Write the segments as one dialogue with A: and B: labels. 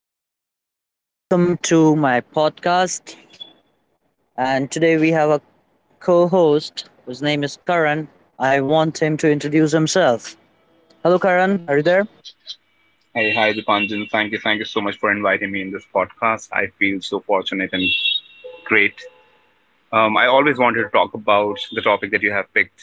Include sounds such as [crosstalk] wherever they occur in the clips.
A: Everyone, welcome to my podcast. And today we have a co host whose name is Karan. I want him to introduce himself. Hello, Karan. Are you there?
B: Hey, hi, Dipanjan. Thank you so much for inviting me in this podcast. I feel so fortunate and great. I always wanted to talk about the topic that you have picked.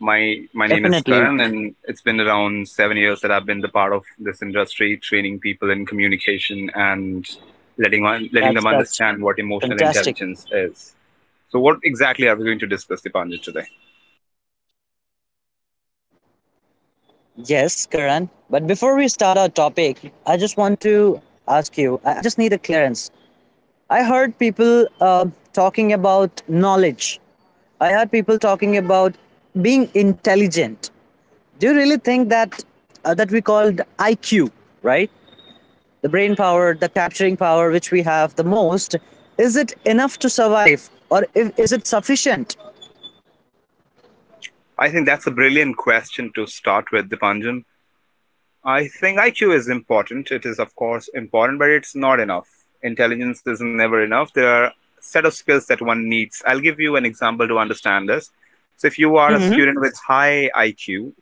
B: My name is
A: Definitely.
B: Karan, and it's been around 7 years that I've been the part of this industry, training people in communication and
A: That's, that's
B: letting them
A: fantastic.
B: understand what emotional intelligence is. So, what exactly are we going to discuss, Dipanjan, today?
A: Yes, Karan. But before we start our topic, I just want to ask you I just need a clearance. I heard people talking about knowledge, I heard people talking about being intelligent. Do you really think that that we called IQ, right? The brain power, the capturing power which we have the most, is it enough to survive or if, is it sufficient?
B: I think that's a brilliant question to start with, Dipanjan. I think IQ is important. It is, of course, important, but it's not enough. Intelligence is never enough. There are set of skills that one needs. I'll give you an example to understand this. So, if you are
A: Mm-hmm.
B: a student with high IQ,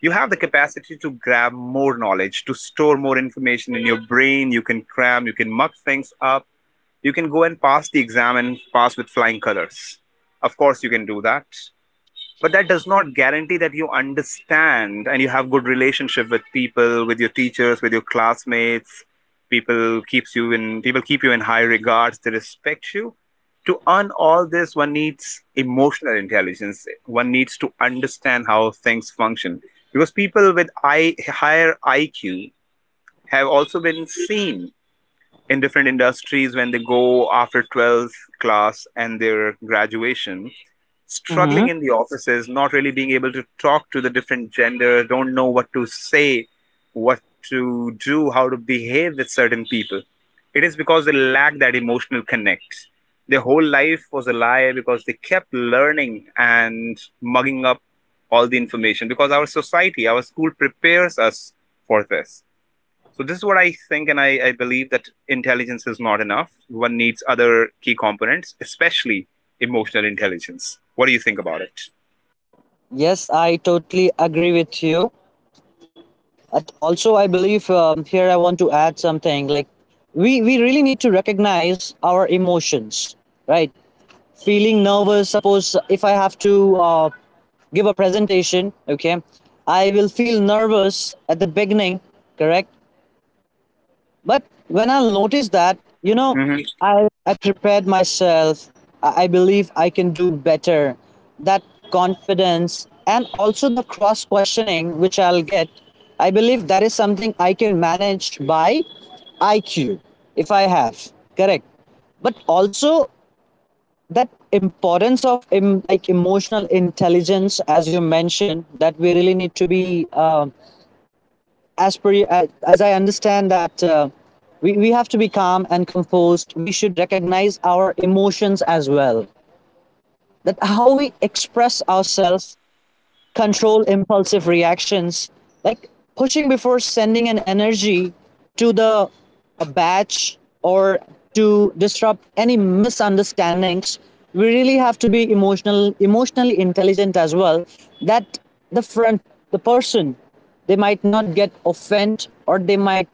B: you have the capacity to grab more knowledge, to store more information in your brain. You can cram, you can muck things up, you can go and pass the exam and pass with flying colors. Of course, you can do that, but that does not guarantee that you understand and you have good relationship with people, with your teachers, with your classmates. People keep you in high regards, they respect you. To earn all this, one needs emotional intelligence, one needs to understand how things function, because people with higher IQ have also been seen in different industries when they go after 12th class and their graduation,
A: Mm-hmm.
B: struggling in the offices, not really being able to talk to the different gender, don't know what to say, what to do, how to behave with certain people. It is because they lack that emotional connect. Their whole life was a lie because they kept learning and mugging up all the information, because our society, our school prepares us for this. So this is what I think, and I believe that intelligence is not enough. One needs other key components, especially emotional intelligence. What do you think about it?
A: Yes, I totally agree with you. But also, I believe here I want to add something like we really need to recognize our emotions, right? Feeling nervous, suppose if I have to give a presentation, okay, I will feel nervous at the beginning, correct? But when I notice that, you know,
B: Mm-hmm.
A: I prepared myself, I believe I can do better. That confidence and also the cross questioning which I'll get, I believe that is something I can manage by IQ if I have, correct? But also, that importance of like emotional intelligence as you mentioned that we really need to be as per as I understand that we have to be calm and composed. We should recognize our emotions as well, that how we express ourselves, control impulsive reactions, like pushing before sending an energy to the a batch or to disrupt any misunderstandings. We really have to be emotionally intelligent as well, that the front, the person, they might not get offended or they might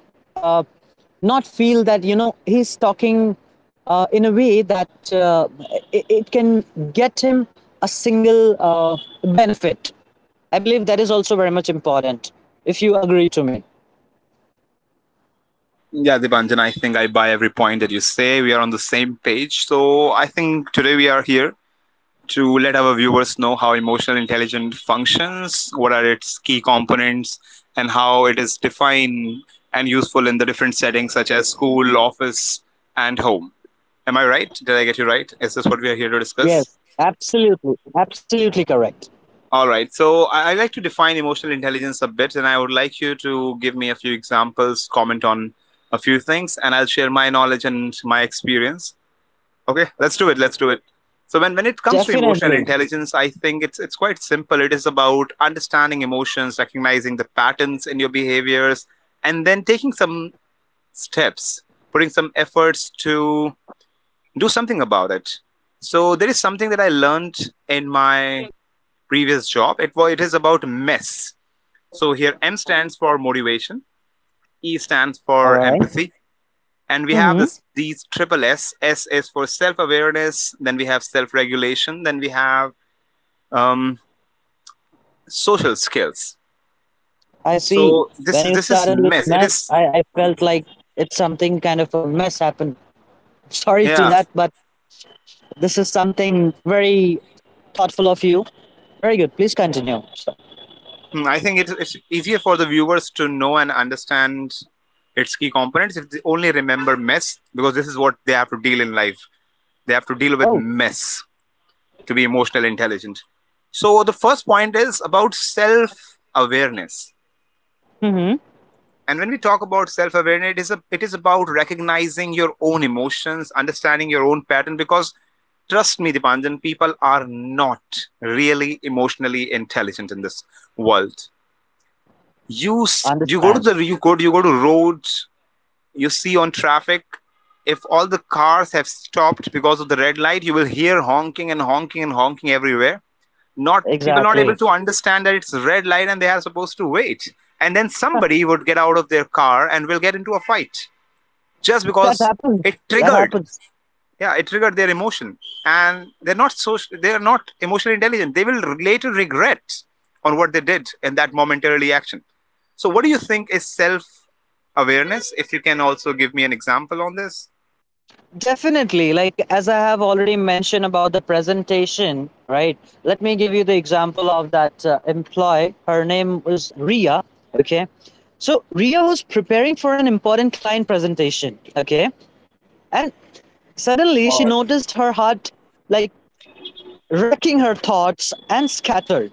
A: not feel that, you know, he's talking in a way that it can get him a single benefit. I believe that is also very much important, if you agree to me.
B: Yeah, Dibanjan, I think I buy every point that you say. We are on the same page. So I think today we are here to let our viewers know how emotional intelligence functions, what are its key components, and how it is defined and useful in the different settings such as school, office, and home. Am I right? Did I get you right? Is this what we are here to
A: Yes,
B: discuss?
A: absolutely. Absolutely correct.
B: All right. So I like to define emotional intelligence a bit, and I would like you to give me a few examples, comment on a few things, and I'll share my knowledge and my experience. Okay, let's do it. Let's do it. So when it comes to
A: Definitely.
B: emotional intelligence, I think it's quite simple. It is about understanding emotions, recognizing the patterns in your behaviors, and then taking some steps, putting some efforts to do something about it. So there is something that I learned in my previous job. It is about mess. So here M stands for motivation, E stands
A: All
B: for
A: right.
B: empathy, and we
A: Mm-hmm.
B: have this these triple S. S is for self awareness. Then we have self regulation. Then we have um, social skills.
A: I see.
B: So
A: When you
B: this
A: started
B: is
A: with
B: mess. It
A: maths,
B: is
A: I felt like it's something kind of a mess happened. [laughs] Sorry to
B: yeah.
A: that, but this is something very thoughtful of you. Very good. Please continue. So,
B: Hmm, I think it's easier for the viewers to know and understand its key components if they only remember mess, because this is what they have to deal in life. They have to deal with
A: oh,
B: mess to be emotional intelligent. So the first point is about self awareness.
A: mm-hmm.
B: And when we talk about self awareness, it is about recognizing your own emotions, understanding your own pattern, because trust me, Dipanjan, people are not really emotionally intelligent in this world. You s- you go to
A: Understand.
B: the you go to roads, you see on traffic, if all the cars have stopped because of the red light, you will hear honking and honking and honking everywhere. Not People not
A: Exactly.
B: able to understand that it's red light and they are supposed to wait, and then somebody would get out of their car and will get into a fight just
A: That
B: because it
A: happens. That
B: triggered,
A: happens.
B: yeah, it triggered their emotion. And they're not emotionally intelligent, they will later regret on what they did in that momentary action. So what do you think is self awareness? If you can also give me an example on this.
A: Definitely. Like, as I have already mentioned about the presentation, right? Let me give you the example of that employee. Her name was Ria. Okay. So, Ria was preparing for an important client presentation. Okay. And suddenly she
B: Or
A: noticed her heart like racking her thoughts and scattered.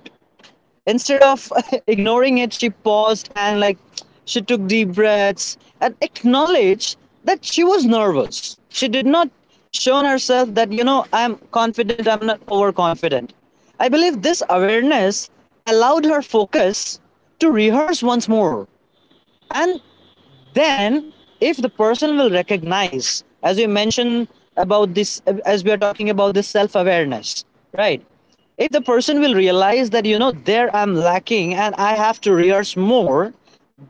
A: Instead of [laughs] ignoring it, she paused and like she took deep breaths and acknowledged that she was nervous. She did not show herself that, you know, I'm confident, I'm not overconfident. I believe this awareness allowed her focus to rehearse once more, and then, if the person will recognize, as we mentioned about this, as we are talking about this self awareness, right? If the person will realize that, you know, there I'm lacking and I have to rehearse more,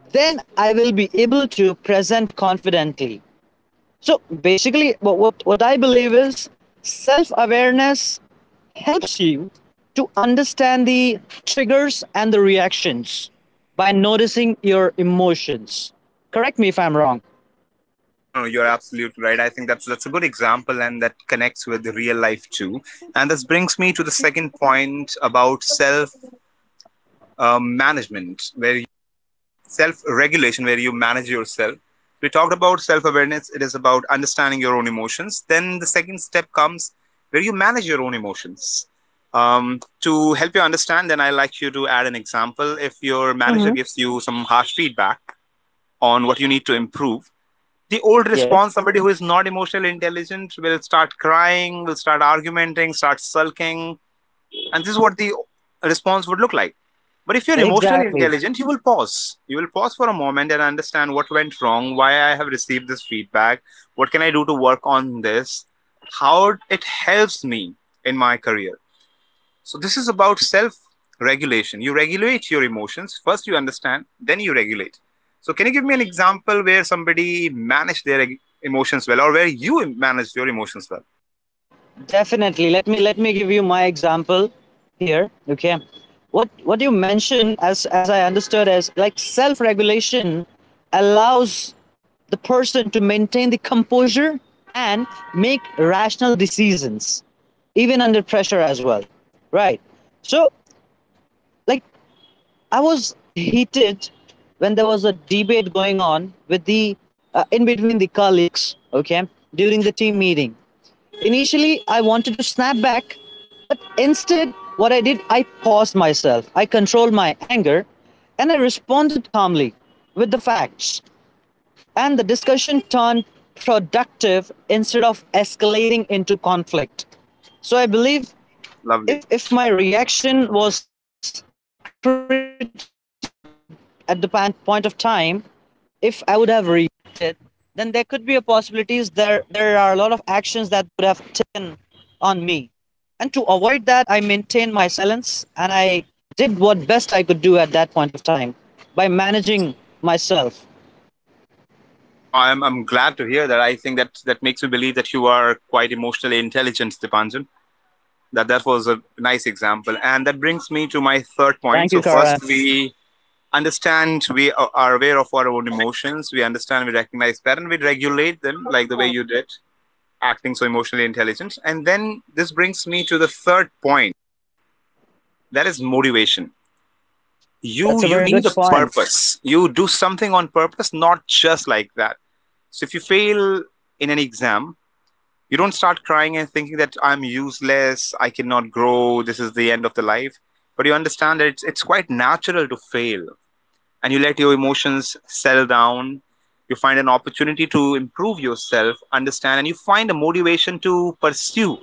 A: then I will be able to present confidently. So basically, what I believe is self awareness helps you to understand the triggers and the reactions by noticing your emotions. Correct me if I'm wrong.
B: No, no, you're absolutely right. I think that's a good example, and that connects with the real life too. And this brings me to the second point about self management, where self-regulation where you manage yourself. We talked about self-awareness, it is about understanding your own emotions, then the second step comes where you manage your own emotions um, to help you understand. Then I like you to add an example. If your manager gives you some harsh feedback on what you need to improve, the old
A: Yes,
B: response, somebody who is not emotionally intelligent will start crying, will start argumenting, start sulking, and this is what the response would look like. But if you're emotionally
A: exactly.
B: intelligent, you will pause for a moment and understand what went wrong, why I have received this feedback, what can I do to work on this, how it helps me in my career. So this is about self regulation. You regulate your emotions, first you understand, then you regulate. So can you give me an example where somebody managed their emotions well, or where you managed your emotions well?
A: Definitely. Let me give you my example here. Okay. What you mentioned as I understood as like self-regulation allows the person to maintain the composure and make rational decisions even under pressure as well. Right. So like I was heated when there was a debate going on with the in between the colleagues, okay, during the team meeting. Initially, I wanted to snap back, but instead, what I did, I paused myself. I controlled my anger and I responded calmly with the facts. And the discussion turned productive instead of escalating into conflict. So I believe
B: Lovely.
A: if my reaction was critical at the point of time, by managing myself.
B: No, I'm glad to hear that. I think that that makes me believe that you are quite emotionally intelligent, Dipanjan. That was a nice example, and that brings me to my third
A: Thank you,
B: point. So
A: Karan.
B: first, we understand, we are aware of our own emotions. We understand, we recognize that, and we regulate them, like the way you did, acting so emotionally intelligent. And then this brings me to the third point. That is motivation.
A: That's a
B: You
A: very good
B: need a
A: point.
B: purpose. You do something on purpose, not just like that. So if you fail in an exam, you don't start crying and thinking that I'm useless, I cannot grow, this is the end of the life. But you understand that it's quite natural to fail, and you let your emotions settle down. You find an opportunity to improve yourself, understand, and you find a motivation to pursue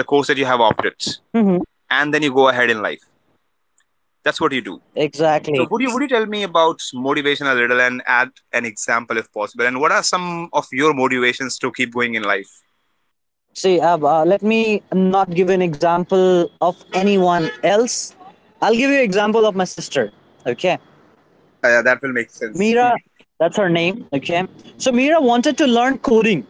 B: the course that you have opted.
A: Mm-hmm.
B: And then you go ahead in life. That's what you do.
A: Exactly.
B: So would you tell me about motivation a little and add an example if possible? And what are some of your motivations to keep going in life?
A: See, let me not give you an example of anyone else. I'll give you an example of my sister. Okay.
B: Yeah, yeah, that will make sense. Hmm.
A: Mira, that's her name. Okay. So, Mira wanted to learn coding.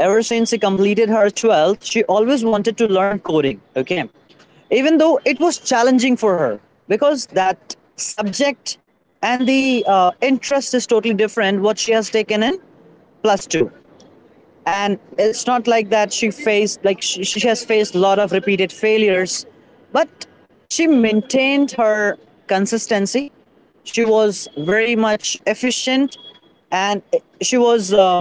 A: Ever since she completed her 12th, she always wanted to learn coding, okay? Even though it was challenging for her because that subject and the interest is totally different what she has taken in plus 2, and it's not like that she faced, like she has faced a lot of repeated failures, but she maintained her consistency. She was very much efficient, and she was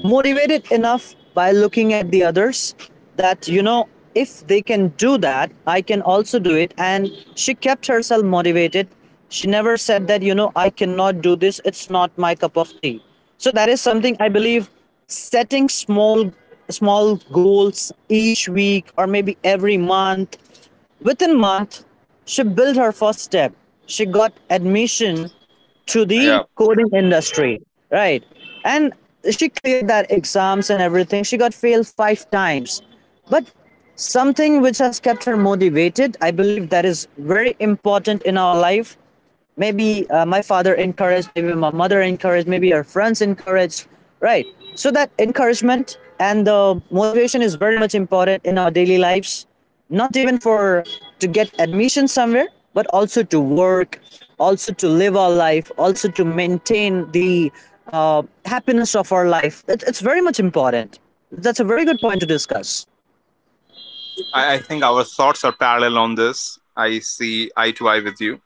A: motivated enough by looking at the others, that you know, if they can do that, I can also do it. And she kept herself motivated. She never said that, you know, I cannot do this, it's not my cup of tea. So that is something I believe, setting small goals each week or maybe every month, within month she built her first step. She got admission to the
B: Yeah.
A: coding industry, right? And she cleared that exams and everything. She got failed 5 times. But something which has kept her motivated, I believe that is very important in our life. Maybe my father encouraged, maybe my mother encouraged, maybe her friends encouraged, right? So that encouragement and the motivation is very much important in our daily lives, not even for to get admission somewhere, but also to work, also to live our life, also to maintain the happiness of our life. It, it's very much important. That's a very good point to discuss.
B: I think our thoughts are parallel on this. I see eye to eye with you.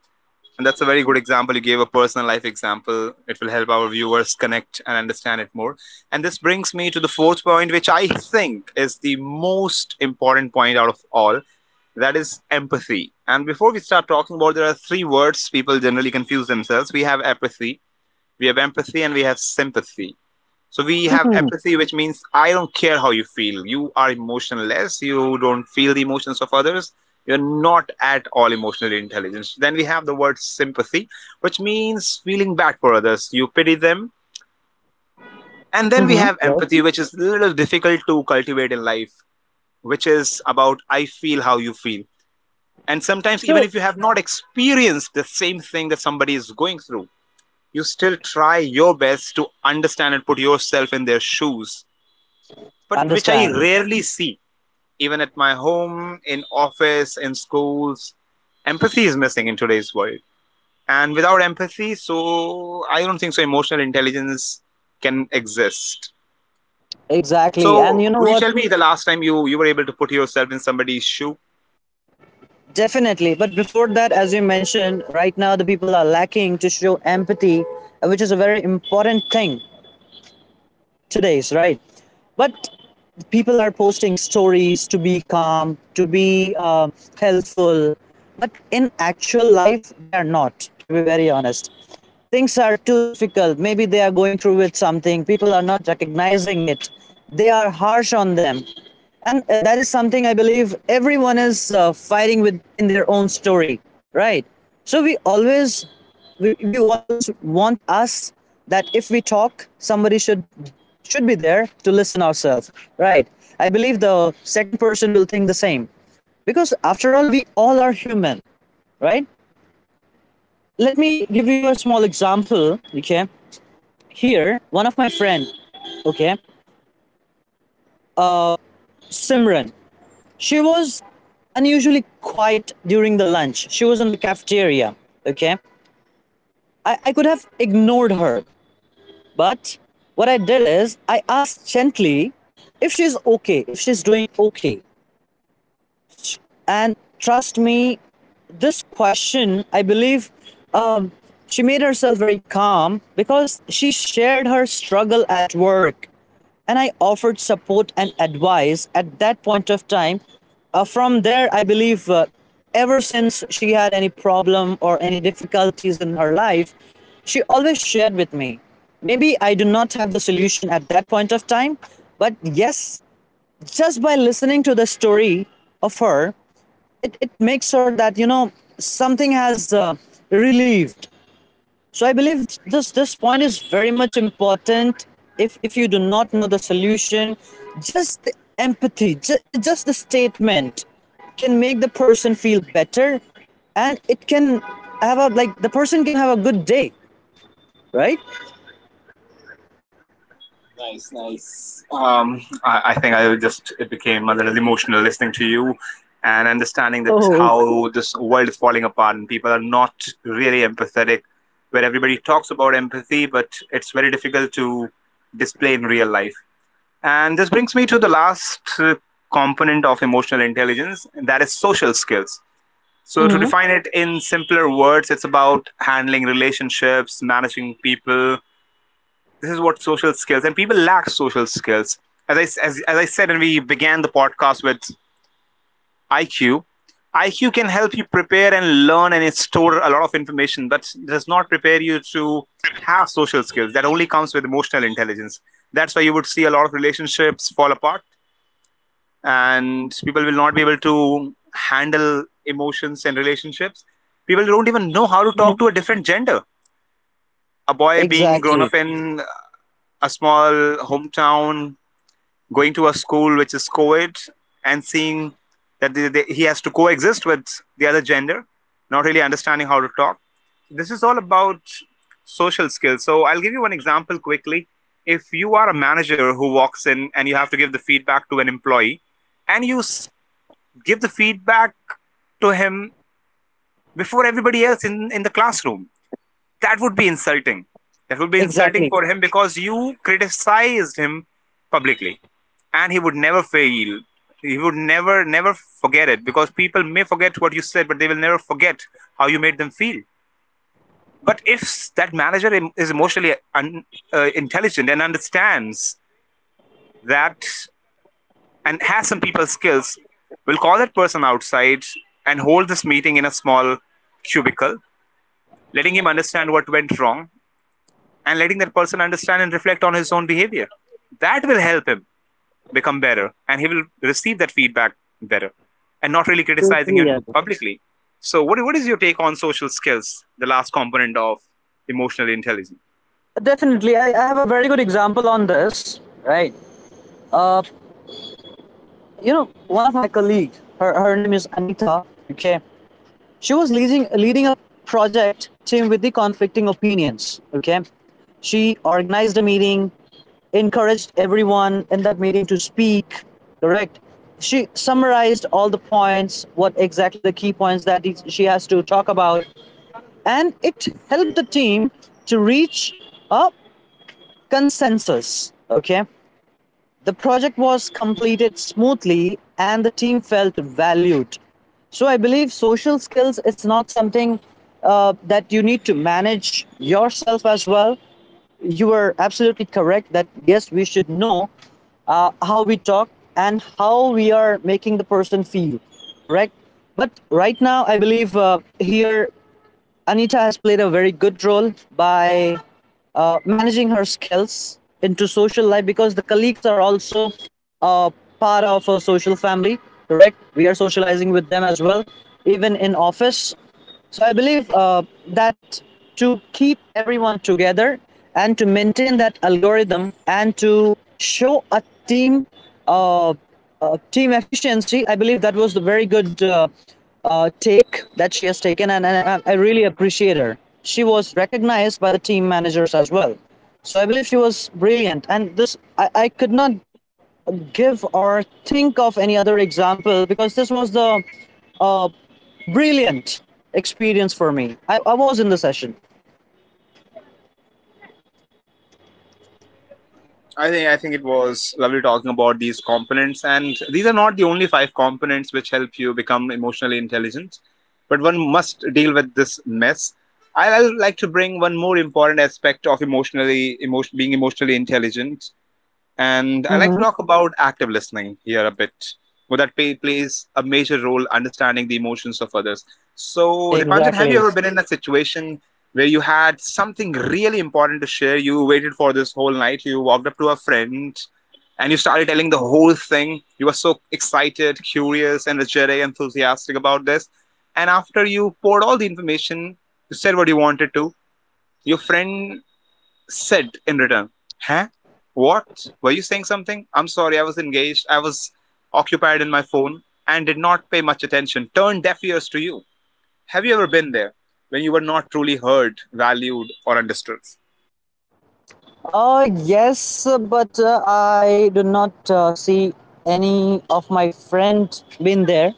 B: And that's a very good example. You gave a personal life example. It will help our viewers connect and understand it more. And this brings me to the fourth point, which I think is the most important point out of all. That is empathy. And before we start talking about, there are three words people generally confuse themselves. We have apathy, we have empathy, and we have sympathy. So we have apathy, which means I don't care how you feel. You are emotionless. You don't feel the emotions of others. You're not at all emotionally intelligent. Then we have the word sympathy, which means feeling bad for others. You pity them. And then we
A: Hmm.
B: have empathy, which is a little difficult to cultivate in life, which is about I feel how you feel. And sometimes, even
A: So
B: if you have not experienced the same thing that somebody is going through, you still try your best to understand and put yourself in their shoes, but which I
A: understand.
B: rarely see, even at my home, in office, in schools. Empathy is missing in today's world. And without empathy, so I don't think so emotional intelligence can exist.
A: Exactly. And
B: So
A: you know
B: would you tell
A: what?
B: me the last time you were able to put yourself in somebody's shoe?
A: Definitely. But before that, as you mentioned, right now the people are lacking to show empathy, which is a very important thing today's, right? But people are posting stories to be calm, to be helpful. But in actual life, they are not, to be very honest. Things are too difficult. Maybe they are going through with something. People are not recognizing it. They are harsh on them. And that is something I believe everyone is fighting with in their own story, right? So we always, we always want us that if we talk, somebody should be there to listen ourselves, right? I believe the second person will think the same, because after all, we all are human, right? Let me give you a small example, okay? Here, one of my friend, okay, Simran, she was unusually quiet during the lunch. She was in the cafeteria, okay? I could have ignored her, but what I did is I asked gently if she's okay, if she's doing okay. And trust me, this question, I believe um, she made herself very calm because she shared her struggle at work, and I offered support and advice at that point of time. From there, I believe ever since she had any problem or any difficulties in her life, she always shared with me. Maybe I do not have the solution at that point of time, but yes, just by listening to the story of her, it makes her that, you know, something has relieved. So I believe this point is very much important. If you do not know the solution, just the empathy, it's just the statement can make the person feel better, and it can have a like the person can have a good day, right?
B: Nice, nice. I think I just it became a little emotional listening to you and understanding that
A: Oh,
B: how this world is falling apart and people are not really empathetic. Where everybody talks about empathy, but it's very difficult to display in real life. And this brings me to the last component of emotional intelligence, and that is social skills. So, to
A: mm-hmm.
B: define it in simpler words, it's about handling relationships, managing people. This is what social skills and people lack social skills As I said, and we began the podcast with IQ. IQ can help you prepare and learn and store a lot of information, but it does not prepare you to have social skills. That only comes with emotional intelligence. That's why you would see a lot of relationships fall apart and people will not be able to handle emotions and relationships. People don't even know how to talk to a different gender. A boy being
A: Exactly.
B: grown up in a small hometown, going to a school which is co-ed, and seeing that he has to coexist with the other gender, not really understanding how to talk. This is all about social skills. So I'll give you one example quickly. If you are a manager who walks in and you have to give the feedback to an employee, and you give the feedback to him before everybody else in the classroom, that would be insulting. That would be insulting
A: Exactly.
B: for him because you criticized him publicly, and he would never fail. He would never, never forget it, because people may forget what you said, but they will never forget how you made them feel. But if that manager is intelligent and understands that, and has some people skills, we'll call that person outside and hold this meeting in a small cubicle, letting him understand what went wrong, and letting that person understand and reflect on his own behavior. That will help him become better, and he will receive that feedback better, and not really criticizing him
A: Yeah.
B: publicly. So, what is your take on social skills, the last component of emotional intelligence?
A: Definitely. I have a very good example on this. Right. You know, one of my colleagues, her name is Anita. Okay. She was leading a project team with the conflicting opinions. Okay. She organized a meeting, encouraged everyone in that meeting to speak, correct? She summarized all the points, what exactly the key points that she has to talk about, and it helped the team to reach a consensus. Okay. The project was completed smoothly and the team felt valued. So I believe social skills it's not something that you need to manage yourself as well. You are absolutely correct that yes, we should know how we talk and how we are making the person feel, correct? But right now, I believe here Anita has played a very good role by managing her skills into social life, because the colleagues are also uh, part of a social family, correct? We are socializing with them as well, even in office. So I believe that to keep everyone together and to maintain that algorithm and to show a team uh, team efficiency. I believe that was the very good take that she has taken, and I really appreciate her. She was recognized by the team managers as well. So I believe she was brilliant. And this, I could not give or think of any other example because this was the brilliant experience for me. I was in the session.
B: I think it was lovely talking about these components, and these are not the only five components which help you become emotionally intelligent, but one must deal with this mess. I would like to bring one more important aspect of being emotionally intelligent. And I like to
A: Hmm.
B: talk about active listening here a bit, where that plays a major role understanding the emotions of others. So, Dipanjan, have you
A: Exactly.
B: ever been in a situation where you had something really important to share? You waited for this whole night, you walked up to a friend, and you started telling the whole thing. You were so excited, curious, energetic, enthusiastic about this. And after you poured all the information, you said what you wanted to, your friend said in return, "Huh? What? Were you saying something? I'm sorry, I was engaged. I was occupied in my phone and did not pay much attention." Turned deaf ears to you. Have you ever been there when you were not truly heard, valued, or understood?
A: Yes, but I do not see any of my friend been there.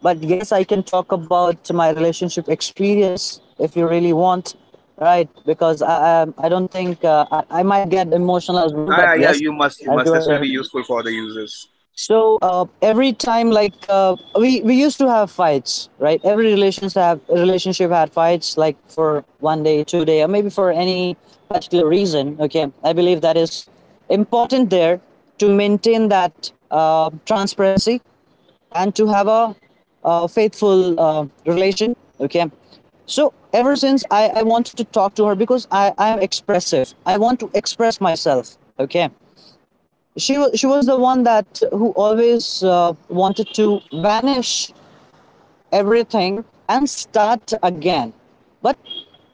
A: But yes, I can talk about my relationship experience if you really want, right? Because I don't think I might get emotional as well.
B: Ah,
A: But
B: yeah, yeah,
A: yes,
B: you must, you
A: as
B: must.
A: you are
B: This will be
A: there.
B: useful for the users.
A: So every time, like we used to have fights, right? Every relations have relationship had fights, like for 1 day, 2 day, or maybe for any particular reason. Okay, I believe that is important there to maintain that transparency and to have a, faithful relation. Okay. So ever since I wanted to talk to her because I'm expressive. I want to express myself. Okay. She was the one that who always wanted to vanish everything and start again. But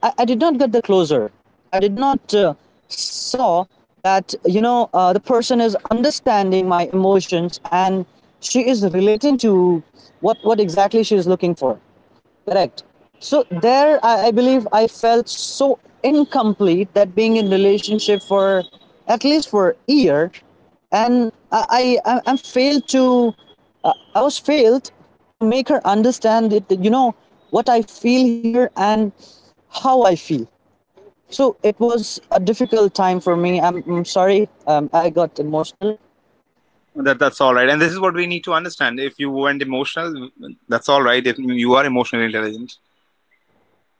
A: I did not get the closer. I did not saw that you know the person is understanding my emotions and she is relating to what exactly she is looking for. Correct. So there, I believe I felt so incomplete that being in relationship for at least for a year, and I failed to, I was failed to make her understand it. You know what I feel here and how I feel. So it was a difficult time for me. I'm sorry. I got emotional.
B: That that's all right, and this is what we need to understand. If you went emotional, that's all right. If you are emotionally intelligent,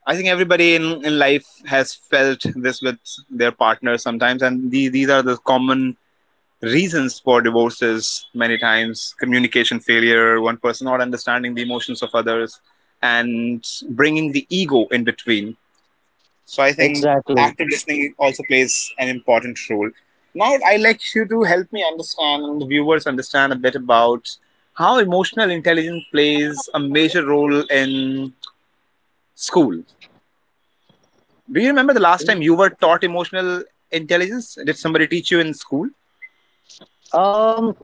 B: I think everybody in life has felt this with their partner sometimes, and these are the common reasons for divorces many times: communication failure, one person not understanding the emotions of others, and bringing the ego in between. So I think
A: Exactly.
B: active listening also plays an important role. Now I'd like you to help me understand, and the viewers understand, a bit about how emotional intelligence plays a major role in school. Do you remember the last time you were taught emotional intelligence? Did somebody teach you in school?
A: Um,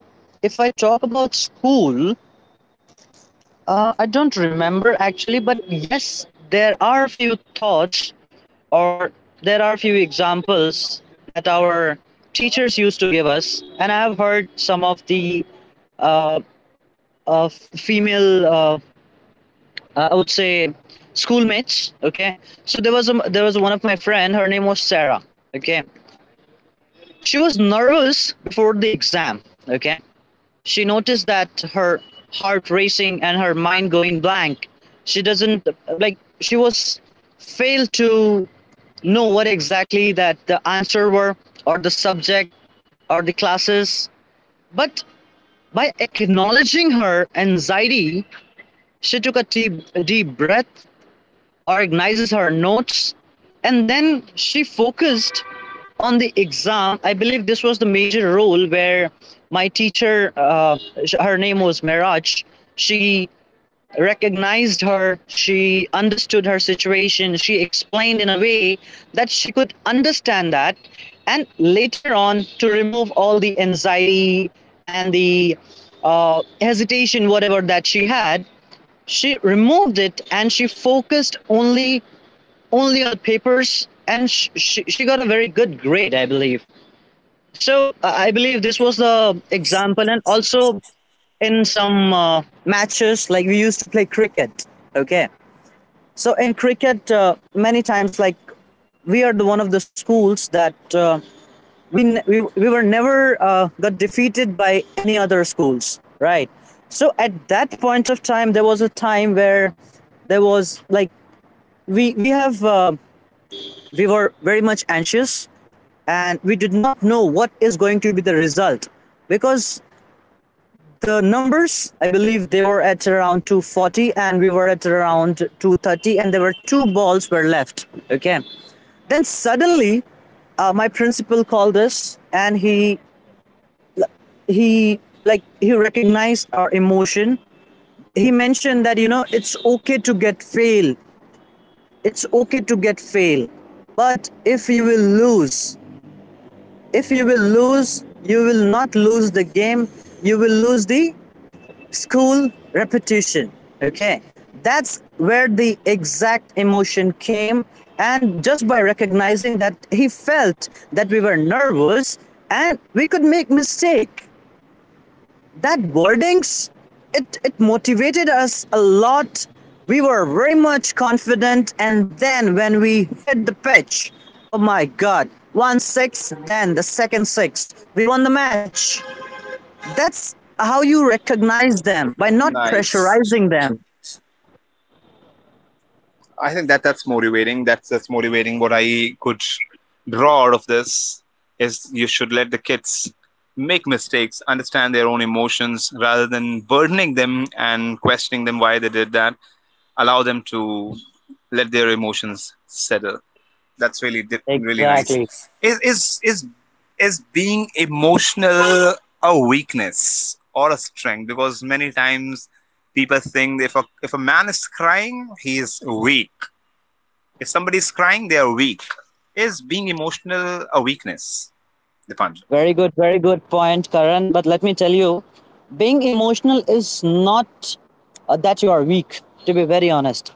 A: if I talk about school, I don't remember actually, but yes, there are a few thoughts or there are a few examples that our teachers used to give us. And I have heard some of the uh, female, I would say, schoolmates. Okay. So there there was one of my friend, her name was Sarah. Okay. She was nervous before the exam. Okay. She noticed that her heart racing and her mind going blank. She doesn't, like, she was failed to know what exactly that the answer were or the subject or the classes. But by acknowledging her anxiety, she took a deep breath, organizes her notes, and then she focused on the exam. I believe this was the major role where my teacher, her name was Miraj, she recognized her, she understood her situation, she explained in a way that she could understand that, and later on to remove all the anxiety and the hesitation, whatever that she had, she removed it and she focused only on the papers, and she got a very good grade, I believe. So I believe this was the example, and also in some matches, like we used to play cricket. Okay, so in cricket, many times, like we are the one of the schools that we, n- we were never got defeated by any other schools, right? So at that point of time, there was a time where there was like we have we were very much anxious and we did not know what is going to be the result because the numbers, I believe, they were at around 240 and we were at around 230 and there were two balls were left. Okay, then suddenly my principal called us, and he like he recognized our emotion. He mentioned that, you know, it's okay to get fail, it's okay to get fail, but if you will lose, if you will lose, you will not lose the game, you will lose the school repetition. Okay, that's where the exact emotion came. And just by recognizing that, he felt that we were nervous and we could make mistake, that boardings, it motivated us a lot. We were very much confident, and then when we hit the pitch, oh my god, one six, then the second six, we won the match. That's how you recognize them, by not
B: Nice.
A: pressurizing them.
B: I think that that's motivating. That's motivating. What I could draw out of this is you should let the kids make mistakes, understand their own emotions, rather than burdening them and questioning them why they did that. Allow them to let their emotions settle. That's really nice. Is is is is being emotional a weakness or a strength? Because many times people think if a man is crying, he is weak, if somebody is crying, they are weak. Is being emotional a weakness, Dipanjan?
A: Very good, very good point, Karan, but let me tell you, being emotional is not that you are weak, to be very honest.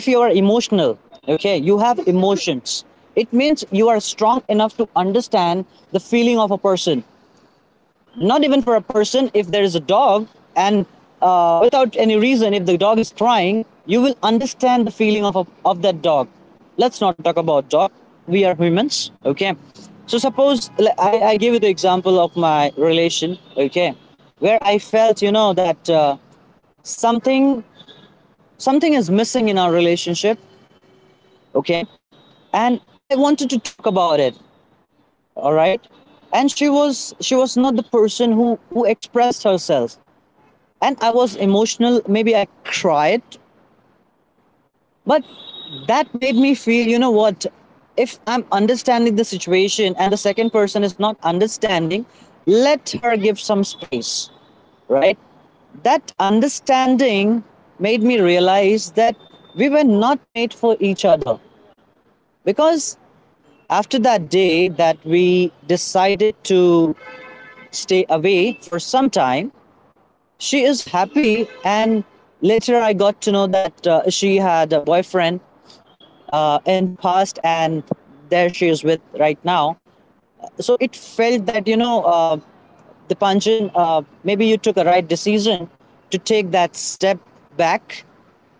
A: If you are emotional, okay, you have emotions, it means you are strong enough to understand the feeling of a person. Not even for a person, if there is a dog and without any reason, if the dog is crying, you will understand the feeling of that dog. Let's not talk about dog, we are humans. Okay, so suppose I give you the example of my relation. Okay, where I felt, you know, that something something is missing in our relationship. Okay, and I wanted to talk about it, all right. And she was, she was not the person who expressed herself, and I was emotional, maybe I cried. But that made me feel, you know what, if I'm understanding the situation and the second person is not understanding, let her give some space, right? That understanding made me realize that we were not made for each other. Because after that day that we decided to stay away for some time, she is happy, and later I got to know that she had a boyfriend in past and there she is with right now. So it felt that, you know, the Panjan, maybe you took a right decision to take that step back.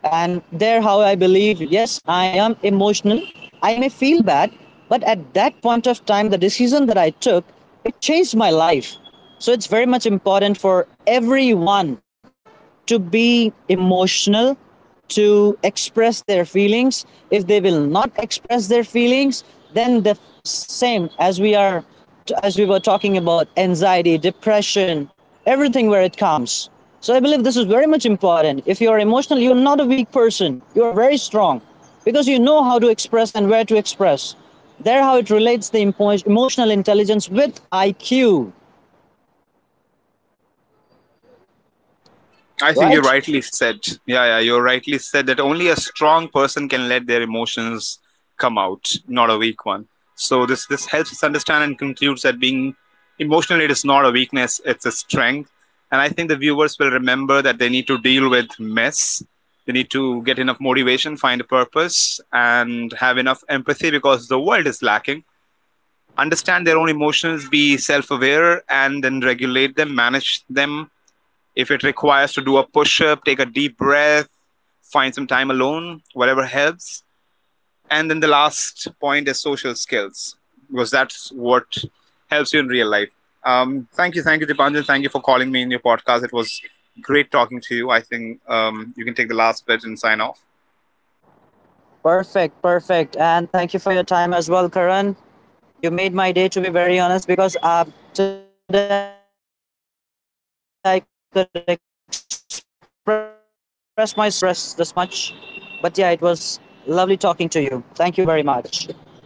A: And there, how, I believe, yes, I am emotional, I may feel bad, but at that point of time the decision that I took, it changed my life. So it's very much important for everyone to be emotional, to express their feelings. If they will not express their feelings, then the same as we are, as we were talking about anxiety, depression, everything, where it comes. So I believe this is very much important. If you are emotional, you are not a weak person. You are very strong because you know how to express and where to express. There, how it relates the emotional intelligence with IQ,
B: I think you
A: right?
B: rightly said. Yeah, yeah, you rightly said that only a strong person can let their emotions come out, not a weak one. So this helps us understand and concludes that being emotional, it is not a weakness, it's a strength. And I think the viewers will remember that they need to deal with mess. They need to get enough motivation, find a purpose, and have enough empathy because the world is lacking. Understand their own emotions, be self aware, and then regulate them, manage them. If it requires to do a push up, take a deep breath, find some time alone, whatever helps. And then the last point is social skills, because that's what helps you in real life. Thank you, Dipanjan. Thank you for calling me in your podcast. It was great talking to you. I think you can take the last bit and sign off.
A: Perfect, perfect. And thank you for your time as well, Karan. You made my day, to be very honest, because today I could express myself in a better way. I don't know when was the last time that I expressed this much, but yeah, it was lovely talking to you. Thank you very much.